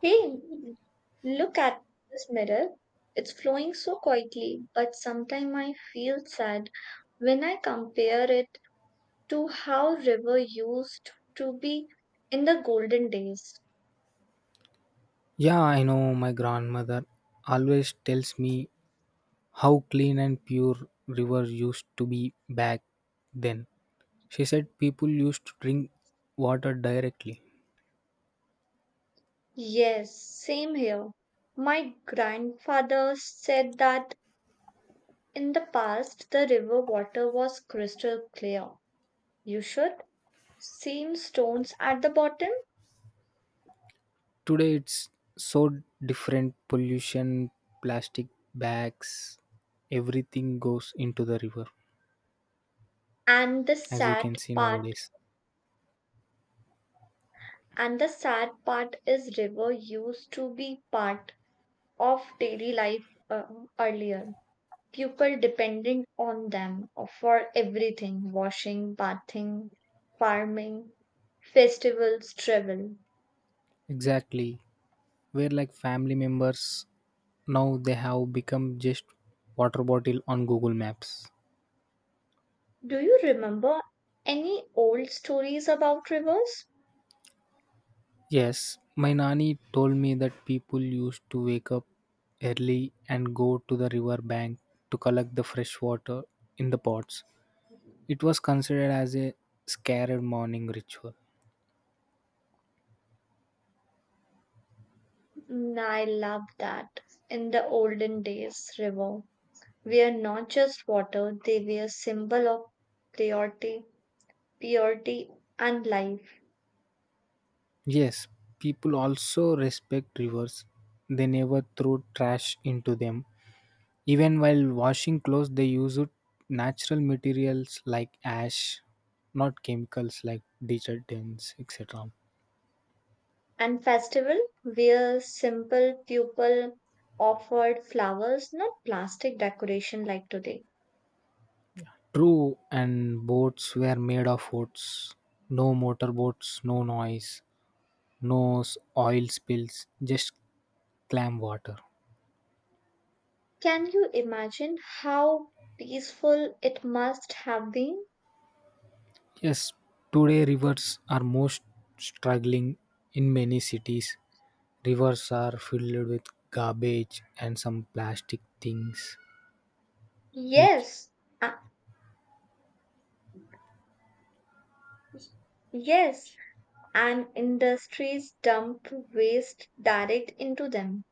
Hey, look at this mirror. It's flowing so quietly, but sometimes I feel sad when I compare it to how river used to be in the golden days. Yeah, I know my grandmother always tells me how clean and pure river used to be back then. She said people used to drink water directly. Yes, same here. My grandfather said that in the past the river water was crystal clear. You should. Same stones at the bottom, Today it's so different pollution, plastic bags, everything goes into the river and the as you sad can see part nowadays. And the sad part is river used to be part of daily life earlier. People depended on them for everything, washing, bathing, farming, festivals, travel. Exactly. Where like family members now they have become just water bottle on Google Maps. Do you remember any old stories about rivers? Yes, my nanny told me that people used to wake up early and go to the river bank to collect the fresh water in the pots. It was considered as a sacred morning ritual. Mm, I love that. In the olden days, river were not just water, they were symbol of purity, purity and life. Yes, people also respect rivers. They never throw trash into them. Even while washing clothes, they used natural materials like ash, not chemicals like detergents, etc. And festival where simple people offered flowers, not plastic decoration like today. True, and boats were made of woods. No motorboats, no noise, no s- oil spills, just clam water. Can you imagine how peaceful it must have been? Yes, today rivers are most struggling in many cities. Rivers are filled with garbage and some plastic things, which, Yes, uh, yes. And industries dump waste direct into them.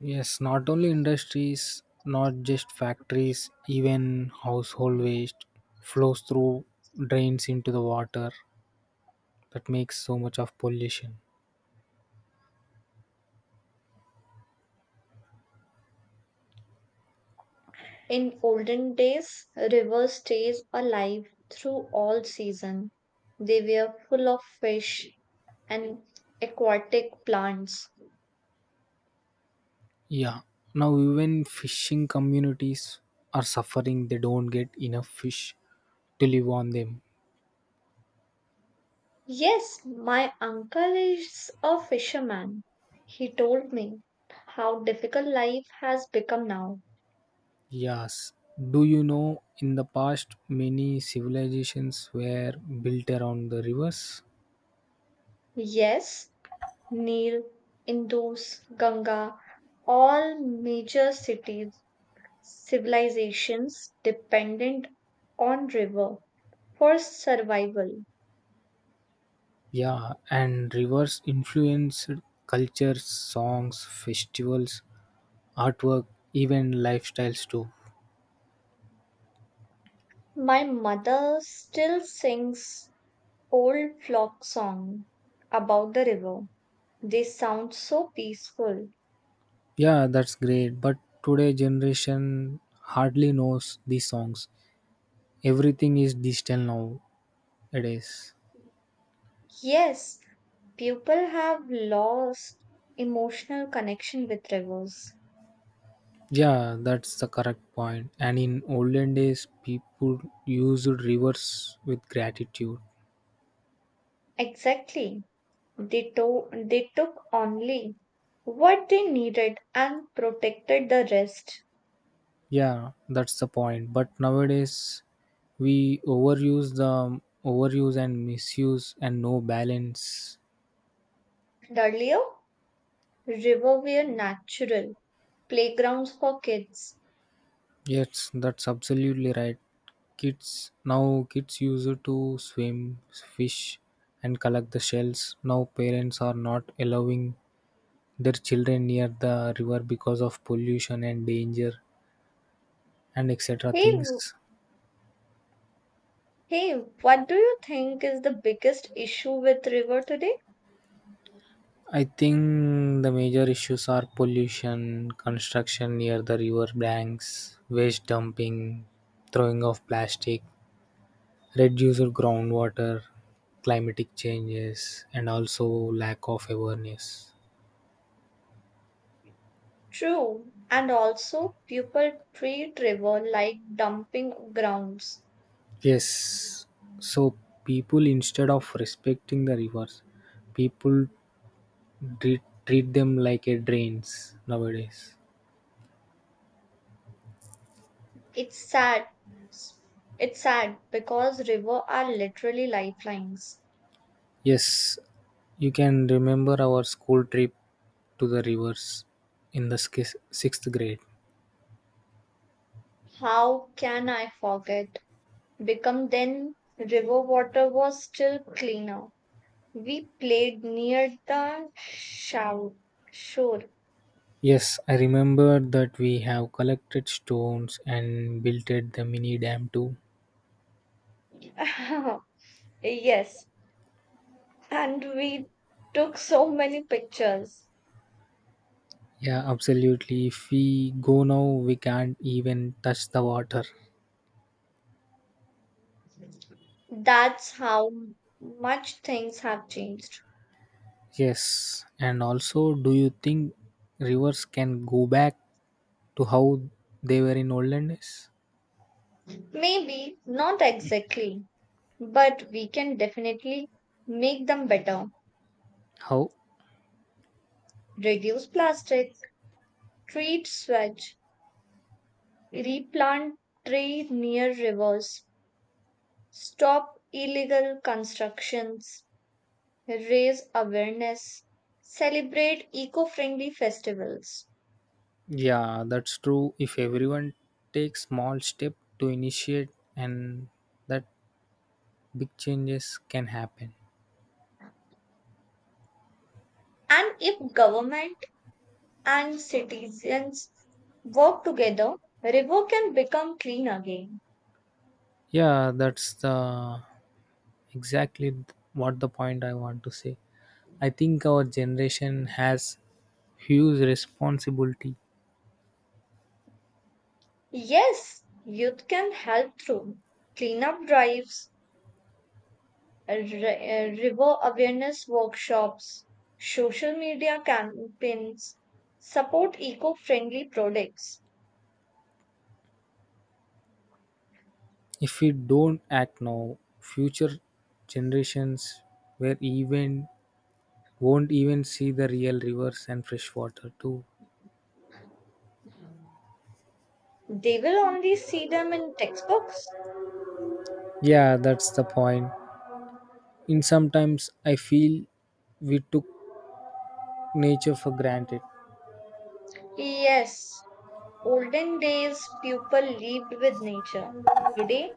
yes, not only industries, not just factories, even household waste flows through drains into the water that makes so much of pollution. In olden days, river stays alive through all season. They were full of fish and aquatic plants. Yeah, now even fishing communities are suffering. They don't get enough fish to live on them. Yes, my uncle is a fisherman. He told me how difficult life has become now. Yes, do you know in the past many civilizations were built around the rivers? Yes, Neil, Indus, Ganga, all major cities, civilizations dependent on river for survival. Yeah, and rivers influenced cultures, songs, festivals, artwork, even lifestyles too. My mother still sings old folk song about the river. They sound so peaceful. Yeah, that's great, but today generation hardly knows these songs. Everything is digital nowadays. Yes, people have lost emotional connection with rivers. Yeah, that's the correct point. And in olden days, people used rivers with gratitude. Exactly. They took only what they needed and protected the rest. Yeah, that's the point. But nowadays, we overuse the overuse and misuse and no balance. And earlier, rivers were natural playgrounds for kids. Yes, that's absolutely right. Kids used to swim, fish, and collect the shells. Now parents are not allowing their children near the river because of pollution and danger and etc Hey, w- things. hey, what do you think is the biggest issue with river today? I think the major issues are pollution, construction near the river banks, waste dumping, throwing of plastic, reduced groundwater, climatic changes, and also lack of awareness. True, and also people treat river like dumping grounds. Yes, so people instead of respecting the rivers, people treat them like a drains nowadays. It's sad. S- It's sad because river are literally lifelines. Yes, you can remember our school trip to the rivers in the sixth grade. How can I forget? Become then river water was still cleaner. We played near the shore. Yes, I remember that we have collected stones and builted the mini dam too. Yes, and we took so many pictures. Yeah, absolutely. If we go now, we can't even touch the water. That's how much things have changed. Yes, and also, do you think rivers can go back to how they were in olden days? Maybe not exactly, but we can definitely make them better. How? Reduce plastic, treat sewage, replant trees near rivers, stop illegal constructions, raise awareness, celebrate eco-friendly festivals. Yeah, that's true. If everyone takes small step to initiate and that big changes can happen. And if government and citizens work together, river can become clean again. Yeah, that's the exactly what the point I want to say. I think our generation has huge responsibility. Yes, youth can help through cleanup drives, river awareness workshops, social media campaigns, support eco friendly products. If we don't act now, future generations where even won't even see the real rivers and fresh water too. They will only see them in textbooks. Yeah, that's the point. In sometimes I feel we took nature for granted. Yes, olden days people lived with nature. Today,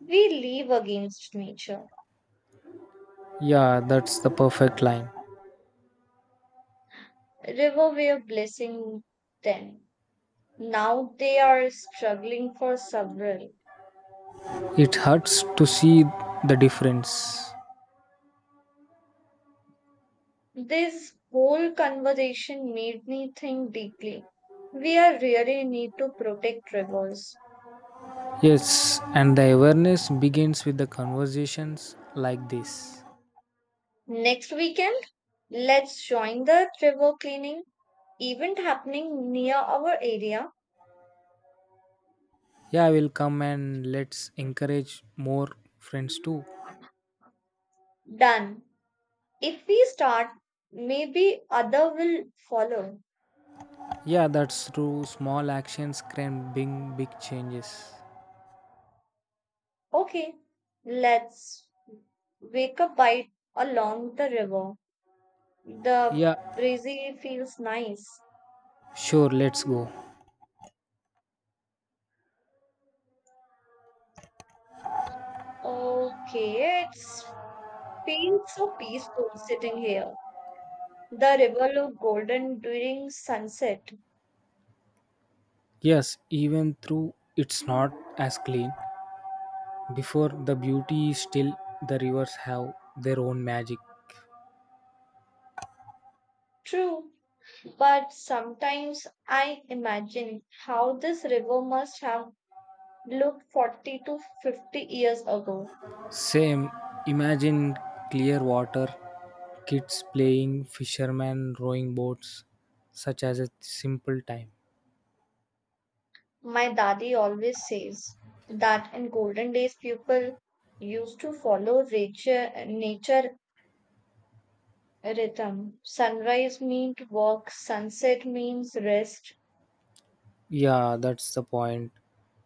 we live against nature. Yeah, that's the perfect line. River were blessing them. Now they are struggling for several. It hurts to see the difference. This whole conversation made me think deeply. We are really need to protect rivers. Yes, and the awareness begins with the conversations like this. Next weekend, let's join the river cleaning event happening near our area. Yeah, I will come, and let's encourage more friends too. Done. If we start, maybe other will follow. Yeah, that's true, small actions can bring big changes. Okay, let's wake a bite along the river. The Yeah, breezy feels nice. sure, let's go. Okay, it's feels so peaceful sitting here. The river looked golden during sunset. Yes, even though it's not as clean before, the beauty is still, the rivers have their own magic. True, but sometimes I imagine how this river must have looked 40 to 50 years ago. Same, imagine clear water, kids playing, fishermen rowing boats, such as a simple time. My daddy always says that in golden days people used to follow nature rhythm. Sunrise meant work, sunset means rest. Yeah, that's the point.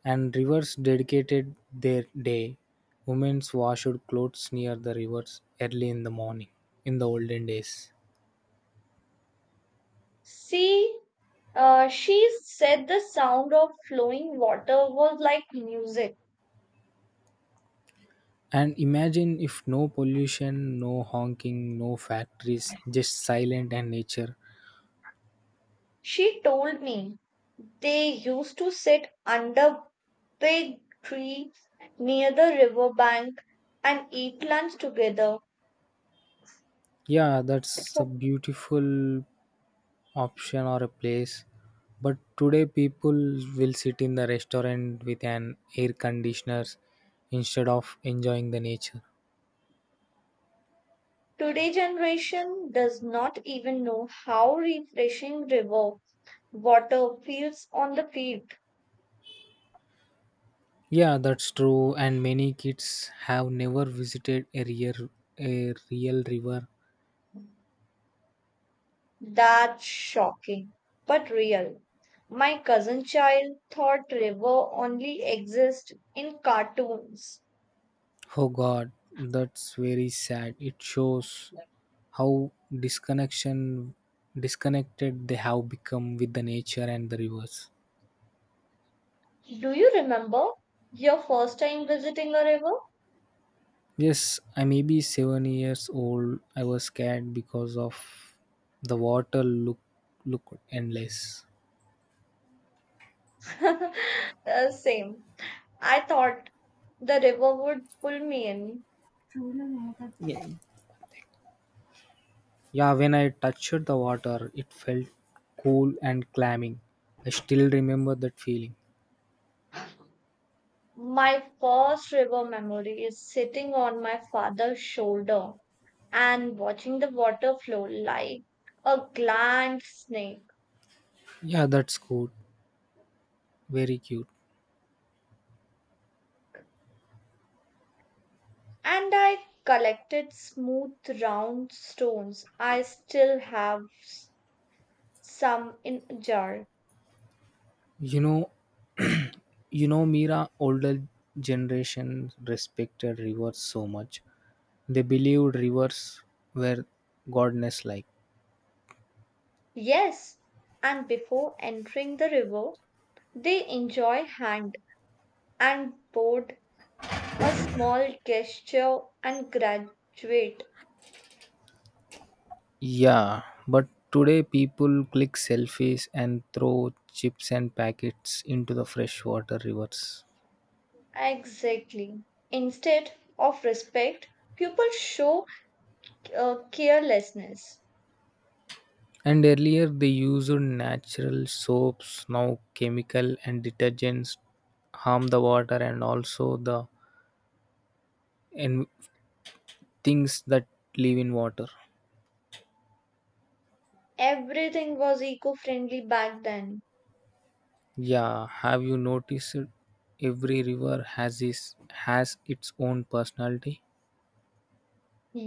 And rivers dedicated their day. Women's washed clothes near the rivers early in the morning in the olden days. See, she said the sound of flowing water was like music. And imagine if no pollution, no honking, no factories, just silent and nature. She told me they used to sit under big tree near the river bank and eat lunch together. Yeah, that's a So beautiful option or a place. But today people will sit in the restaurant with an air conditioner instead of enjoying the nature. today generation does not even know how refreshing river water feels on the feet. Yeah, that's true. And many kids have never visited a real river. That's shocking, but real. My cousin child thought river only exist in cartoons. Oh god, that's very sad. It shows how disconnection disconnected they have become with the nature and the rivers. Do you remember your first time visiting a river? Yes, I may be 7 years old. I was scared because of the water look endless. Same. I thought the river would pull me in. Yeah, when I touched the water, it felt cool and climbing. I still remember that feeling. My first river memory is sitting on my father's shoulder and watching the water flow like a giant snake. Yeah, that's good. Very cute. And I collected smooth round stones. I still have some in a jar. You know, you know, Mira, older generation respected rivers so much. They believed rivers were goddess like. Yes, and before entering the river, they enjoy hand and board a small gesture and graduate. Yeah, but today people click selfies and throw chips and packets into the freshwater rivers. Exactly. Instead of respect, people show carelessness. And earlier they used natural soaps, now chemical and detergents harm the water and also the and things that live in water. Everything was eco friendly back then. Yeah, have you noticed it? Every river has its own personality?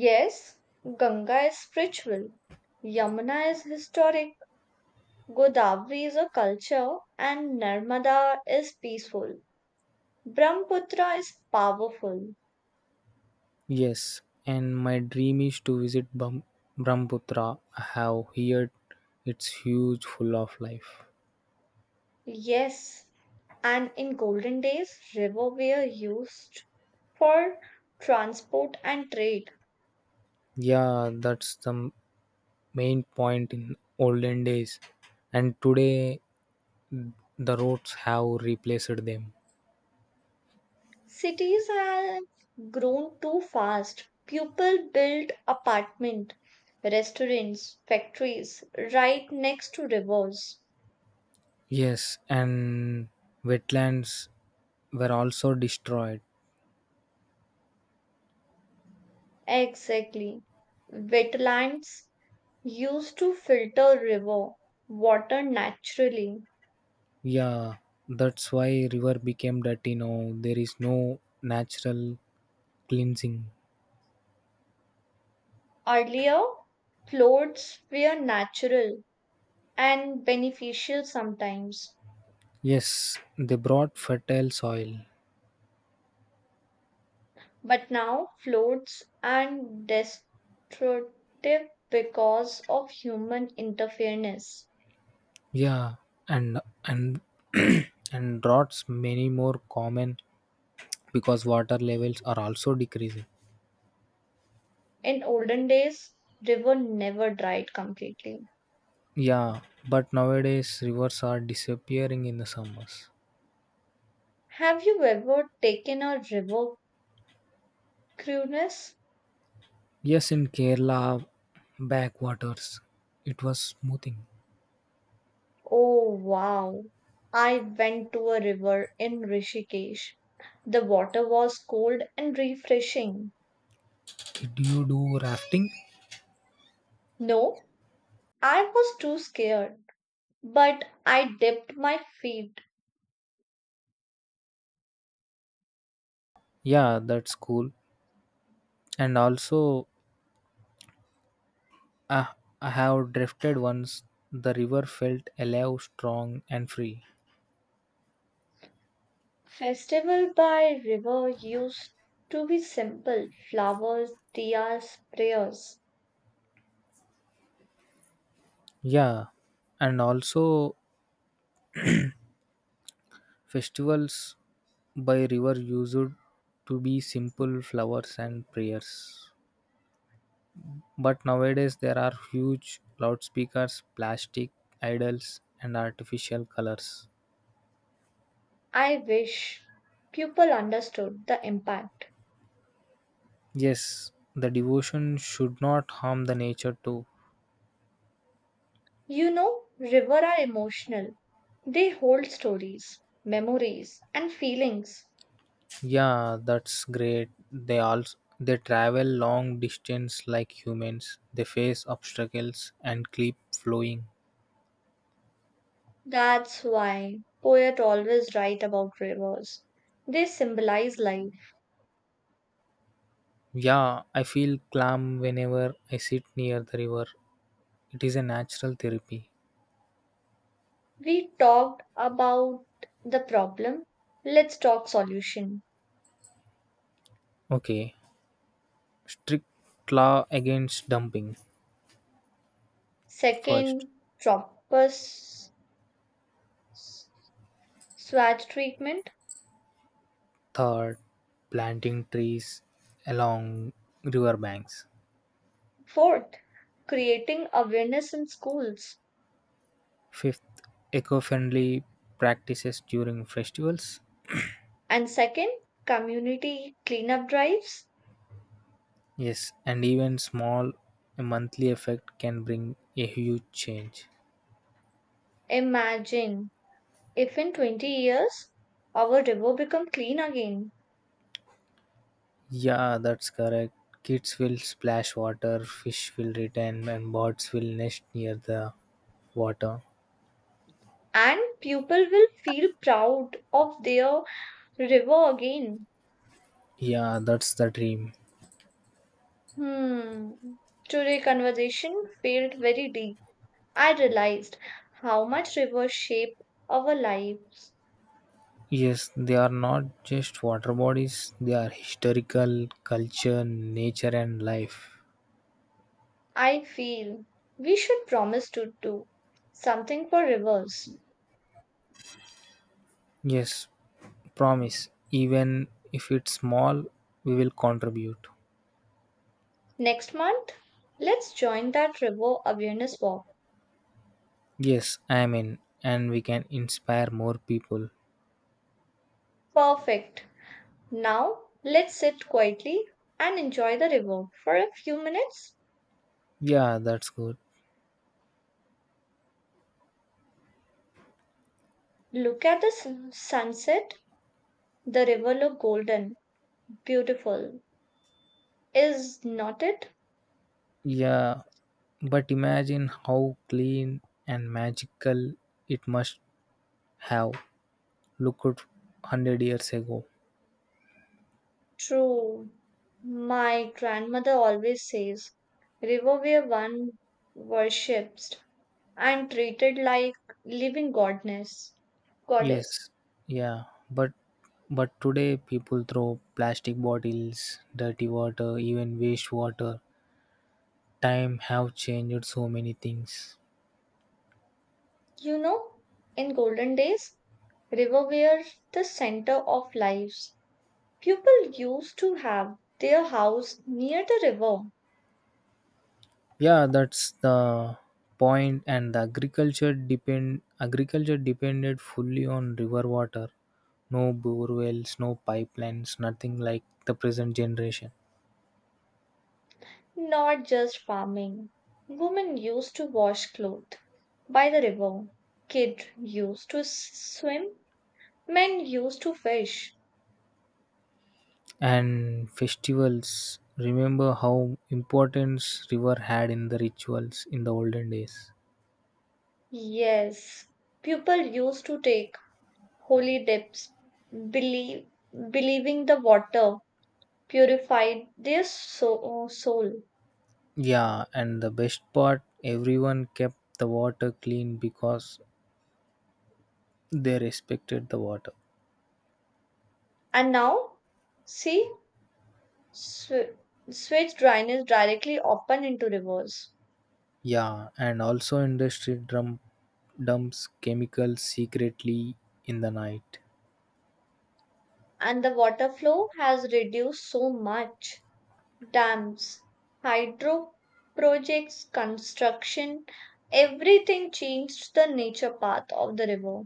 Yes, Ganga is spiritual, Yamuna is historic, Godavari is a culture, and Narmada is peaceful. Brahmaputra is powerful. Yes, and my dream is to visit Brahmaputra. I have heard it's huge, full of life. Yes, and in golden days, river were used for transport and trade. Yeah, that's the main point in olden days. And today, the roads have replaced them. Cities have grown too fast. People built apartment, restaurants, factories right next to rivers. Yes, and wetlands were also destroyed. Exactly. Wetlands used to filter river water naturally. Yeah, that's why river became dirty now. There is no natural cleansing. Earlier, floats were natural and beneficial sometimes, Yes, they brought fertile soil. but now floats are destructive because of human interference. Yeah, and and droughts many more common because water levels are also decreasing. In olden days, river never dried completely. Yeah, but nowadays rivers are disappearing in the summers. Have you ever taken a river cruise? Yes, in Kerala backwaters, it was smoothing. Oh wow. I went to a river in Rishikesh. The water was cold and refreshing. Do you do rafting? No, I was too scared, but I dipped my feet. Yeah, that's cool. And also, I, I have drifted once. The river felt alive, strong, and free. Festival by river used to be simple flowers, diyas, prayers. Yeah, and also festivals by river used to be simple flowers and prayers. But nowadays there are huge loudspeakers, plastic idols, and artificial colors. I wish people understood the impact. Yes, the devotion should not harm the nature too. You know, river are emotional. They hold stories, memories, and feelings. Yeah, that's great. They travel long distance like humans. They face obstacles and keep flowing. That's why poets always write about rivers. They symbolize life. Yeah, I feel calm whenever I sit near the river. It is a natural therapy. We talked about the problem. Let's talk solution. Okay. Strict law against dumping. First, Second, proper s- swag treatment. third, planting trees along riverbanks. Fourth, creating awareness in schools. Fifth, eco friendly practices during festivals. And second, community cleanup drives. Yes, and even small a monthly effect can bring a huge change. Imagine if in 20 years our river become clean again. Yeah, that's correct. Kids will splash water, fish will return, and birds will nest near the water. And people will feel proud of their river again. Yeah, that's the dream. Hmm. Today conversation felt very deep. I realized how much rivers shape our lives. Yes, they are not just water bodies, they are historical, culture, nature, and life. I feel we should promise to do something for rivers. Yes, promise, even if it's small, we will contribute. Next month, let's join that river awareness walk. Yes, I mean, and we can inspire more people. Perfect. Now, let's sit quietly and enjoy the river for a few minutes. Yeah, that's good. Look at the sunset. The river looked golden, beautiful. Is not it? Yeah, but imagine how clean and magical it must have looked 100 years ago. True. My grandmother always says, river where one worships and treated like living goddess. Yes, yeah, but but today people throw plastic bottles, dirty water, even waste water. Time have changed so many things. You know, in golden days, river were the center of lives. People used to have their house near the river. Yeah, that's the point. And the agriculture depended fully on river water. No bore wells, no pipelines, nothing like the present generation. Not just farming. Women used to wash clothes by the river. Kids used to swim. Men used to fish. And festivals. Remember how importance river had in the rituals in the olden days. Yes, people used to take holy dips, believe, believing the water purified their soul. Yeah, and the best part, everyone kept the water clean because they respected the water. And now, see, sw- switch drainage directly open into rivers. Yeah, and also industry drum dumps chemicals secretly in the night. And the water flow has reduced so much. Dams, hydro projects, construction, everything changed the nature path of the river.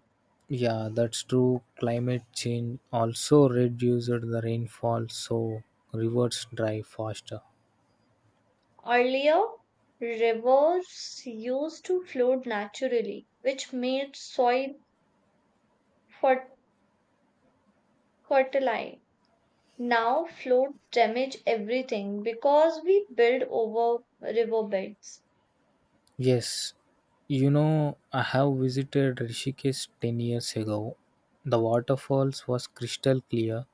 Yeah, that's true. Climate change also reduced the rainfall, so rivers dry faster. Earlier, rivers used to flow naturally, which made soil fer- fertile. Now, flood damage everything because we build over riverbeds. Yes, you know, I have visited Rishikesh 10 years ago. The waterfalls was crystal clear.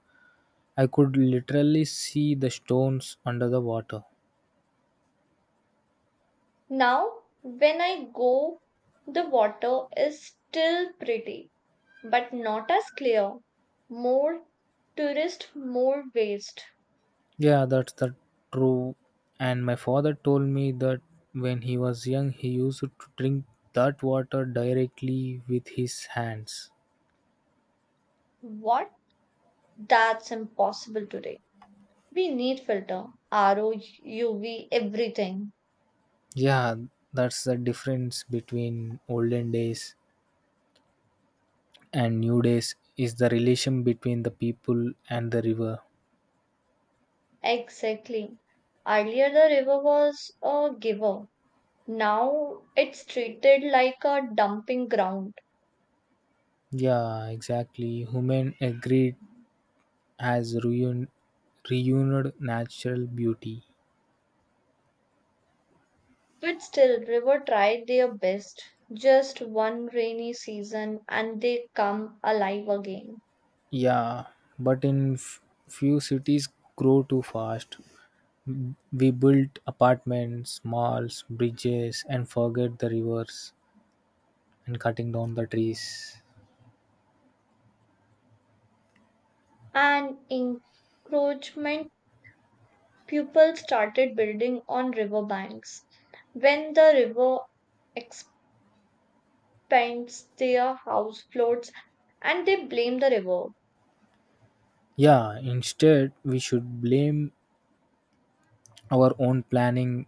I could literally see the stones under the water. Now, when I go, the water is still pretty but not as clear. More tourist, more waste. Yeah, that's the true. And my father told me that when he was young, he used to drink that water directly with his hands. What? That's impossible today. We need filter, ROUV, everything. Yeah, that's the difference between olden days and new days is the relation between the people and the river. Exactly. Earlier the river was a giver. Now it's treated like a dumping ground. Yeah, exactly. Human agreed has ruined reunited natural beauty. But still, river tried their best. Just one rainy season and they come alive again. Yeah, but in few cities grow too fast. We built apartments, malls, bridges, and forget the rivers and cutting down the trees. And encroachment people started building on river banks. When the river expands, their house floats and they blame the river. Yeah, instead, we should blame our own planning.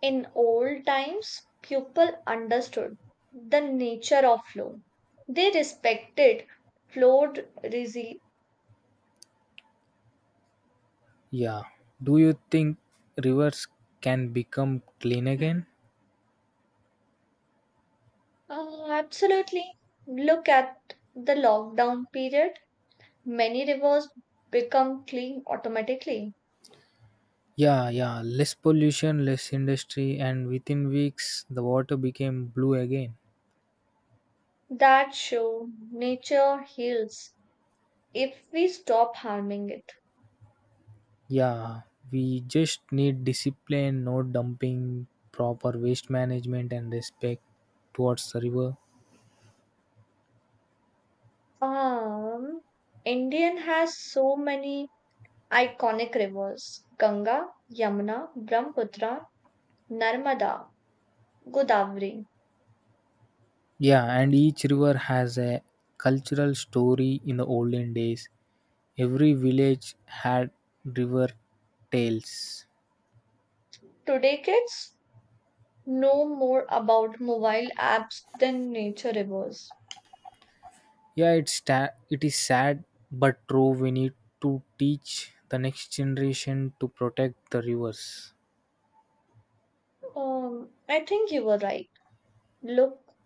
In old times, people understood the nature of flow. They respected flood resi- Yeah. Do you think rivers can become clean again? Absolutely. Look at the lockdown period. Many rivers become clean automatically. Yeah, yeah. Less pollution, less industry, and within weeks, the water became blue again. That show nature heals if we stop harming it. Yeah, we just need discipline, no dumping, proper waste management, and respect towards the river. Um, Indian has so many iconic rivers: Ganga, Yamuna, Brahmaputra, Narmada, Godavari. Yeah, and each river has a cultural story in the olden days. Every village had river tales. Today, kids know more about mobile apps than nature rivers. Yeah, it is sad but true. We need to teach the next generation to protect the rivers. I think you were right. Look,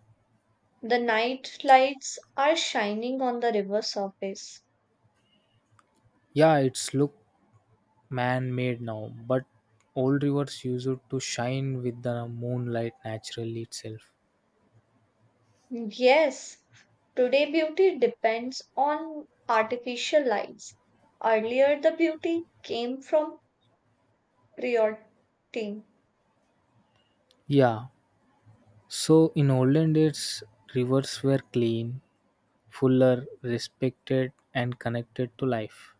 the night lights are shining on the river surface. Yeah, it's look man-made now, but old rivers used to shine with the moonlight naturally itself. Yes, today beauty depends on artificial lights. Earlier, the beauty came from purity, Yeah, so in olden days, rivers were clean, fuller, respected, and connected to life.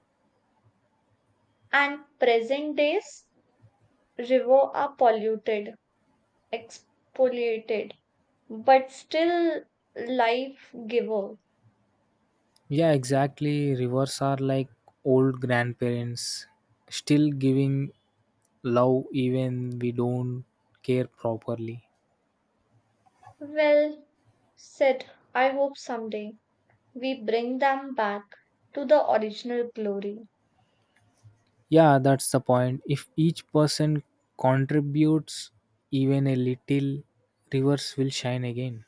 and present days rivers are polluted, exfoliated, but still life giver. Yeah, exactly. Rivers are like old grandparents, still giving love even we don't care properly. Well said. I hope someday we bring them back to the original glory. Yeah, that's the point. If each person contributes even a little, rivers will shine again.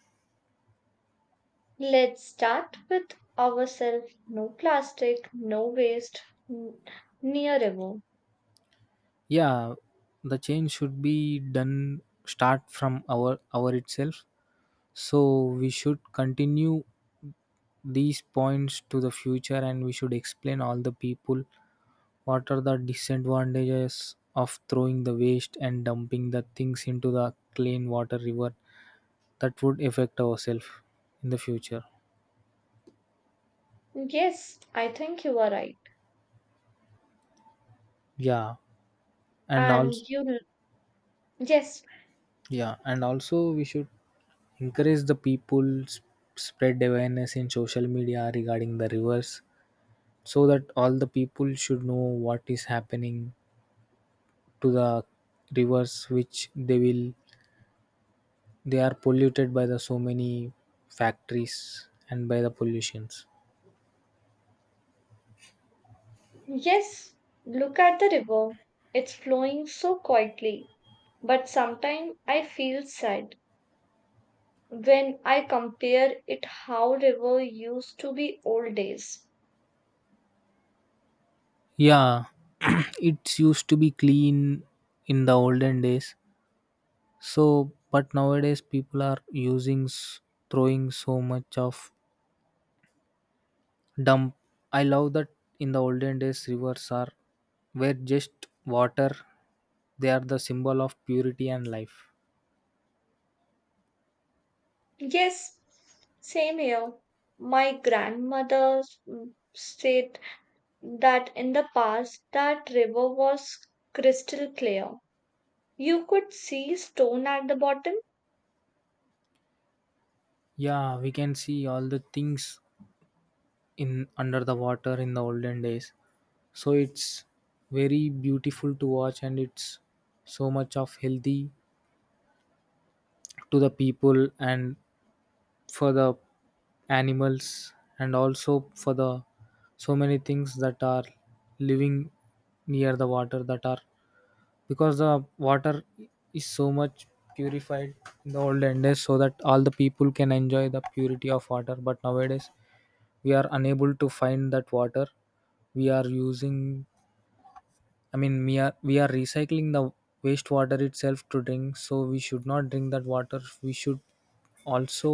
Let's start with ourselves. No plastic, no waste, n- near river. Yeah, the change should be done start from our itself. So we should continue these points to the future and we should explain all the people what are the disadvantages of throwing the waste and dumping the things into the clean water river that would affect ourselves in the future. Yes, I think you are right. Yeah. And And also you, yes, Yeah, and also we should encourage the people spread awareness in social media regarding the rivers so that all the people should know what is happening to the rivers which they are polluted by the so many factories and by the pollutions. yes, look at the river. It's flowing so quietly. But sometimes I feel sad when I compare it how river used to be old days. Yeah, it used to be clean in the olden days. So, but nowadays people are using throwing so much of dump. I love that in the olden days rivers are were just water. They are the symbol of purity and life. Yes, same here. My grandmother said that in the past that river was crystal clear. You could see stone at the bottom. Yeah, we can see all the things in under the water in the olden days. So it's very beautiful to watch, and it's so much of healthy to the people and for the animals and also for the so many things that are living near the water that are, because the water is so much purified in the olden days so that all the people can enjoy the purity of water. But nowadays we are unable to find that water. We are using, I mean we are recycling the wastewater itself to drink, so we should not drink that water. We should also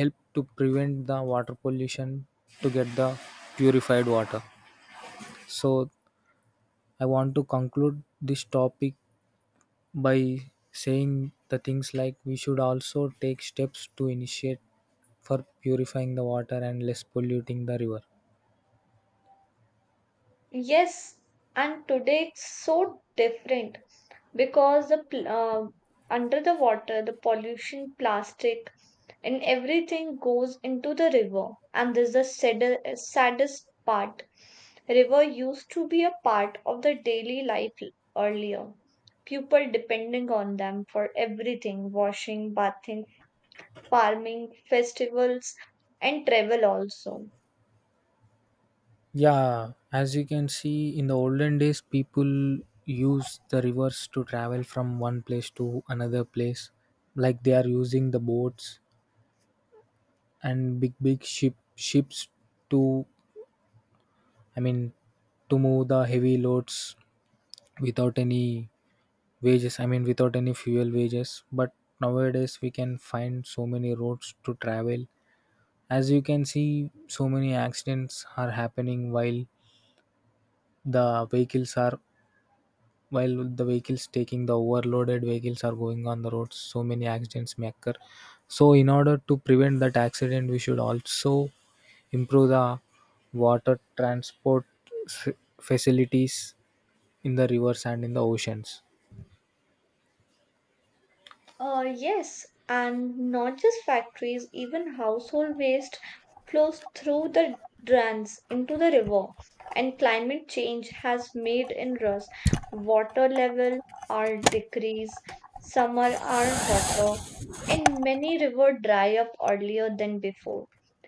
help to prevent the water pollution to get the purified water. So I want to conclude this topic by saying the things like we should also take steps to initiate for purifying the water and less polluting the river. Yes, and today it's so different because the under the water, the pollution, plastic, and everything goes into the river. And this is the saddest part. River used to be a part of the daily life earlier. People depending on them for everything washing, bathing, farming, festivals, and travel also. Yeah, as you can see, in the olden days people use the rivers to travel from one place to another place, like they are using the boats and big ships to, I mean to move the heavy loads without any wages, I mean without any fuel wages. But nowadays we can find so many roads to travel. As you can see, so many accidents are happening while the vehicles are, while the vehicles taking the overloaded vehicles are going on the roads, so many accidents may occur. So in order to prevent that accident, we should also improve the water transport s- facilities in the rivers and in the oceans. Yes, and not just factories, even household waste flows through the drains into the river. And climate change has made inroads. Water level are decrease, summer are hotter, and many river dry up earlier than before.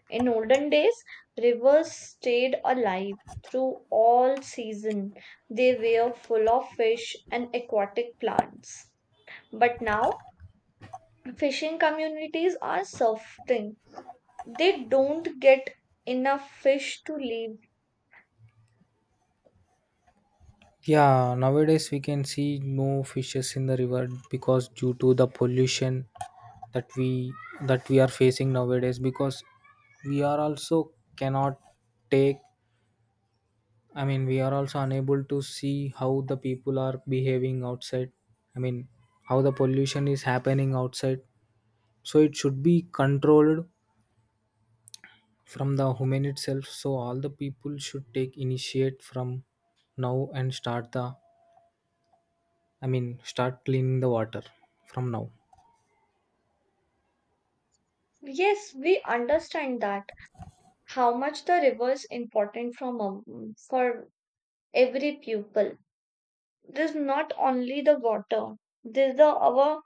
In olden days, rivers stayed alive through all season. They were full of fish and aquatic plants. But now fishing communities are suffering. They don't get enough fish to live. Yeah, nowadays we can see no fishes in the river because due to the pollution that we are facing nowadays, because we are also cannot take, I mean we are also unable to see how the people are behaving outside. I mean how the pollution is happening outside. So it should be controlled from the human itself. So all the people should take initiate from now and start the, I mean start cleaning the water from now. Yes, we understand that. How much the river is important for every pupil. This is not only the water. This is the our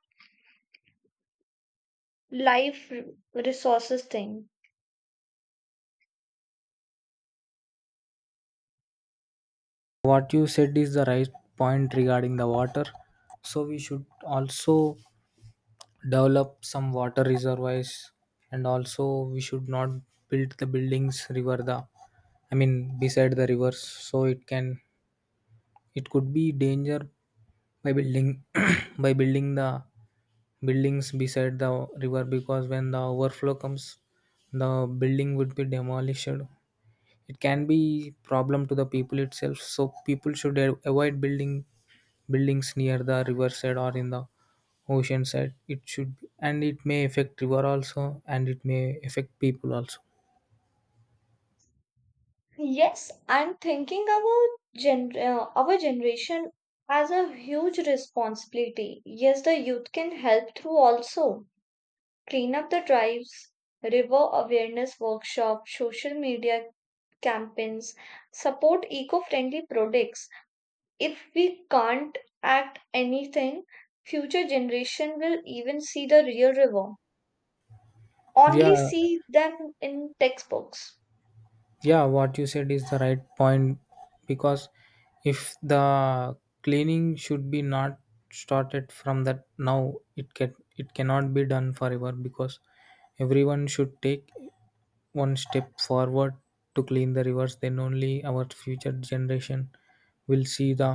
life resources thing. What you said is the right point regarding the water. So we should also develop some water reservoirs, and also we should not build the buildings river the, I mean beside the rivers, so it can, it could be danger by building by building the buildings beside the river, because when the overflow comes, the building would be demolished. It can be problem to the people itself, so people should avoid building buildings near the riverside or in the ocean side it should be, and it may affect river also and it may affect people also. Yes, I'm thinking about our generation has a huge responsibility. Yes, the youth can help through also Clean Up the Drives, river awareness workshops, social media campaigns, support eco friendly products. If we can't act anything, future generation will even see the real river, only Yeah. see them in textbooks. Yeah, what you said is the right point, because if the cleaning should be not started from that now, it can, it cannot be done forever, because everyone should take one step forward to clean the rivers, then only our future generation will see the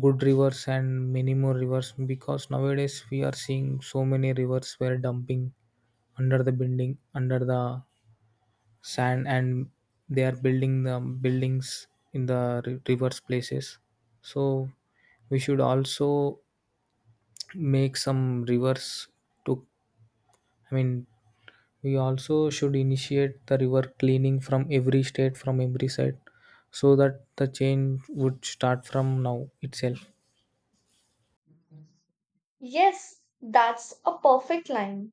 good rivers and many more rivers. Because nowadays we are seeing so many rivers were dumping under the building, under the sand, and they are building the buildings in the rivers places. So we should also make some rivers to, I mean we also should initiate the river cleaning from every state, from every side, so that the change would start from now itself. Yes, that's a perfect line.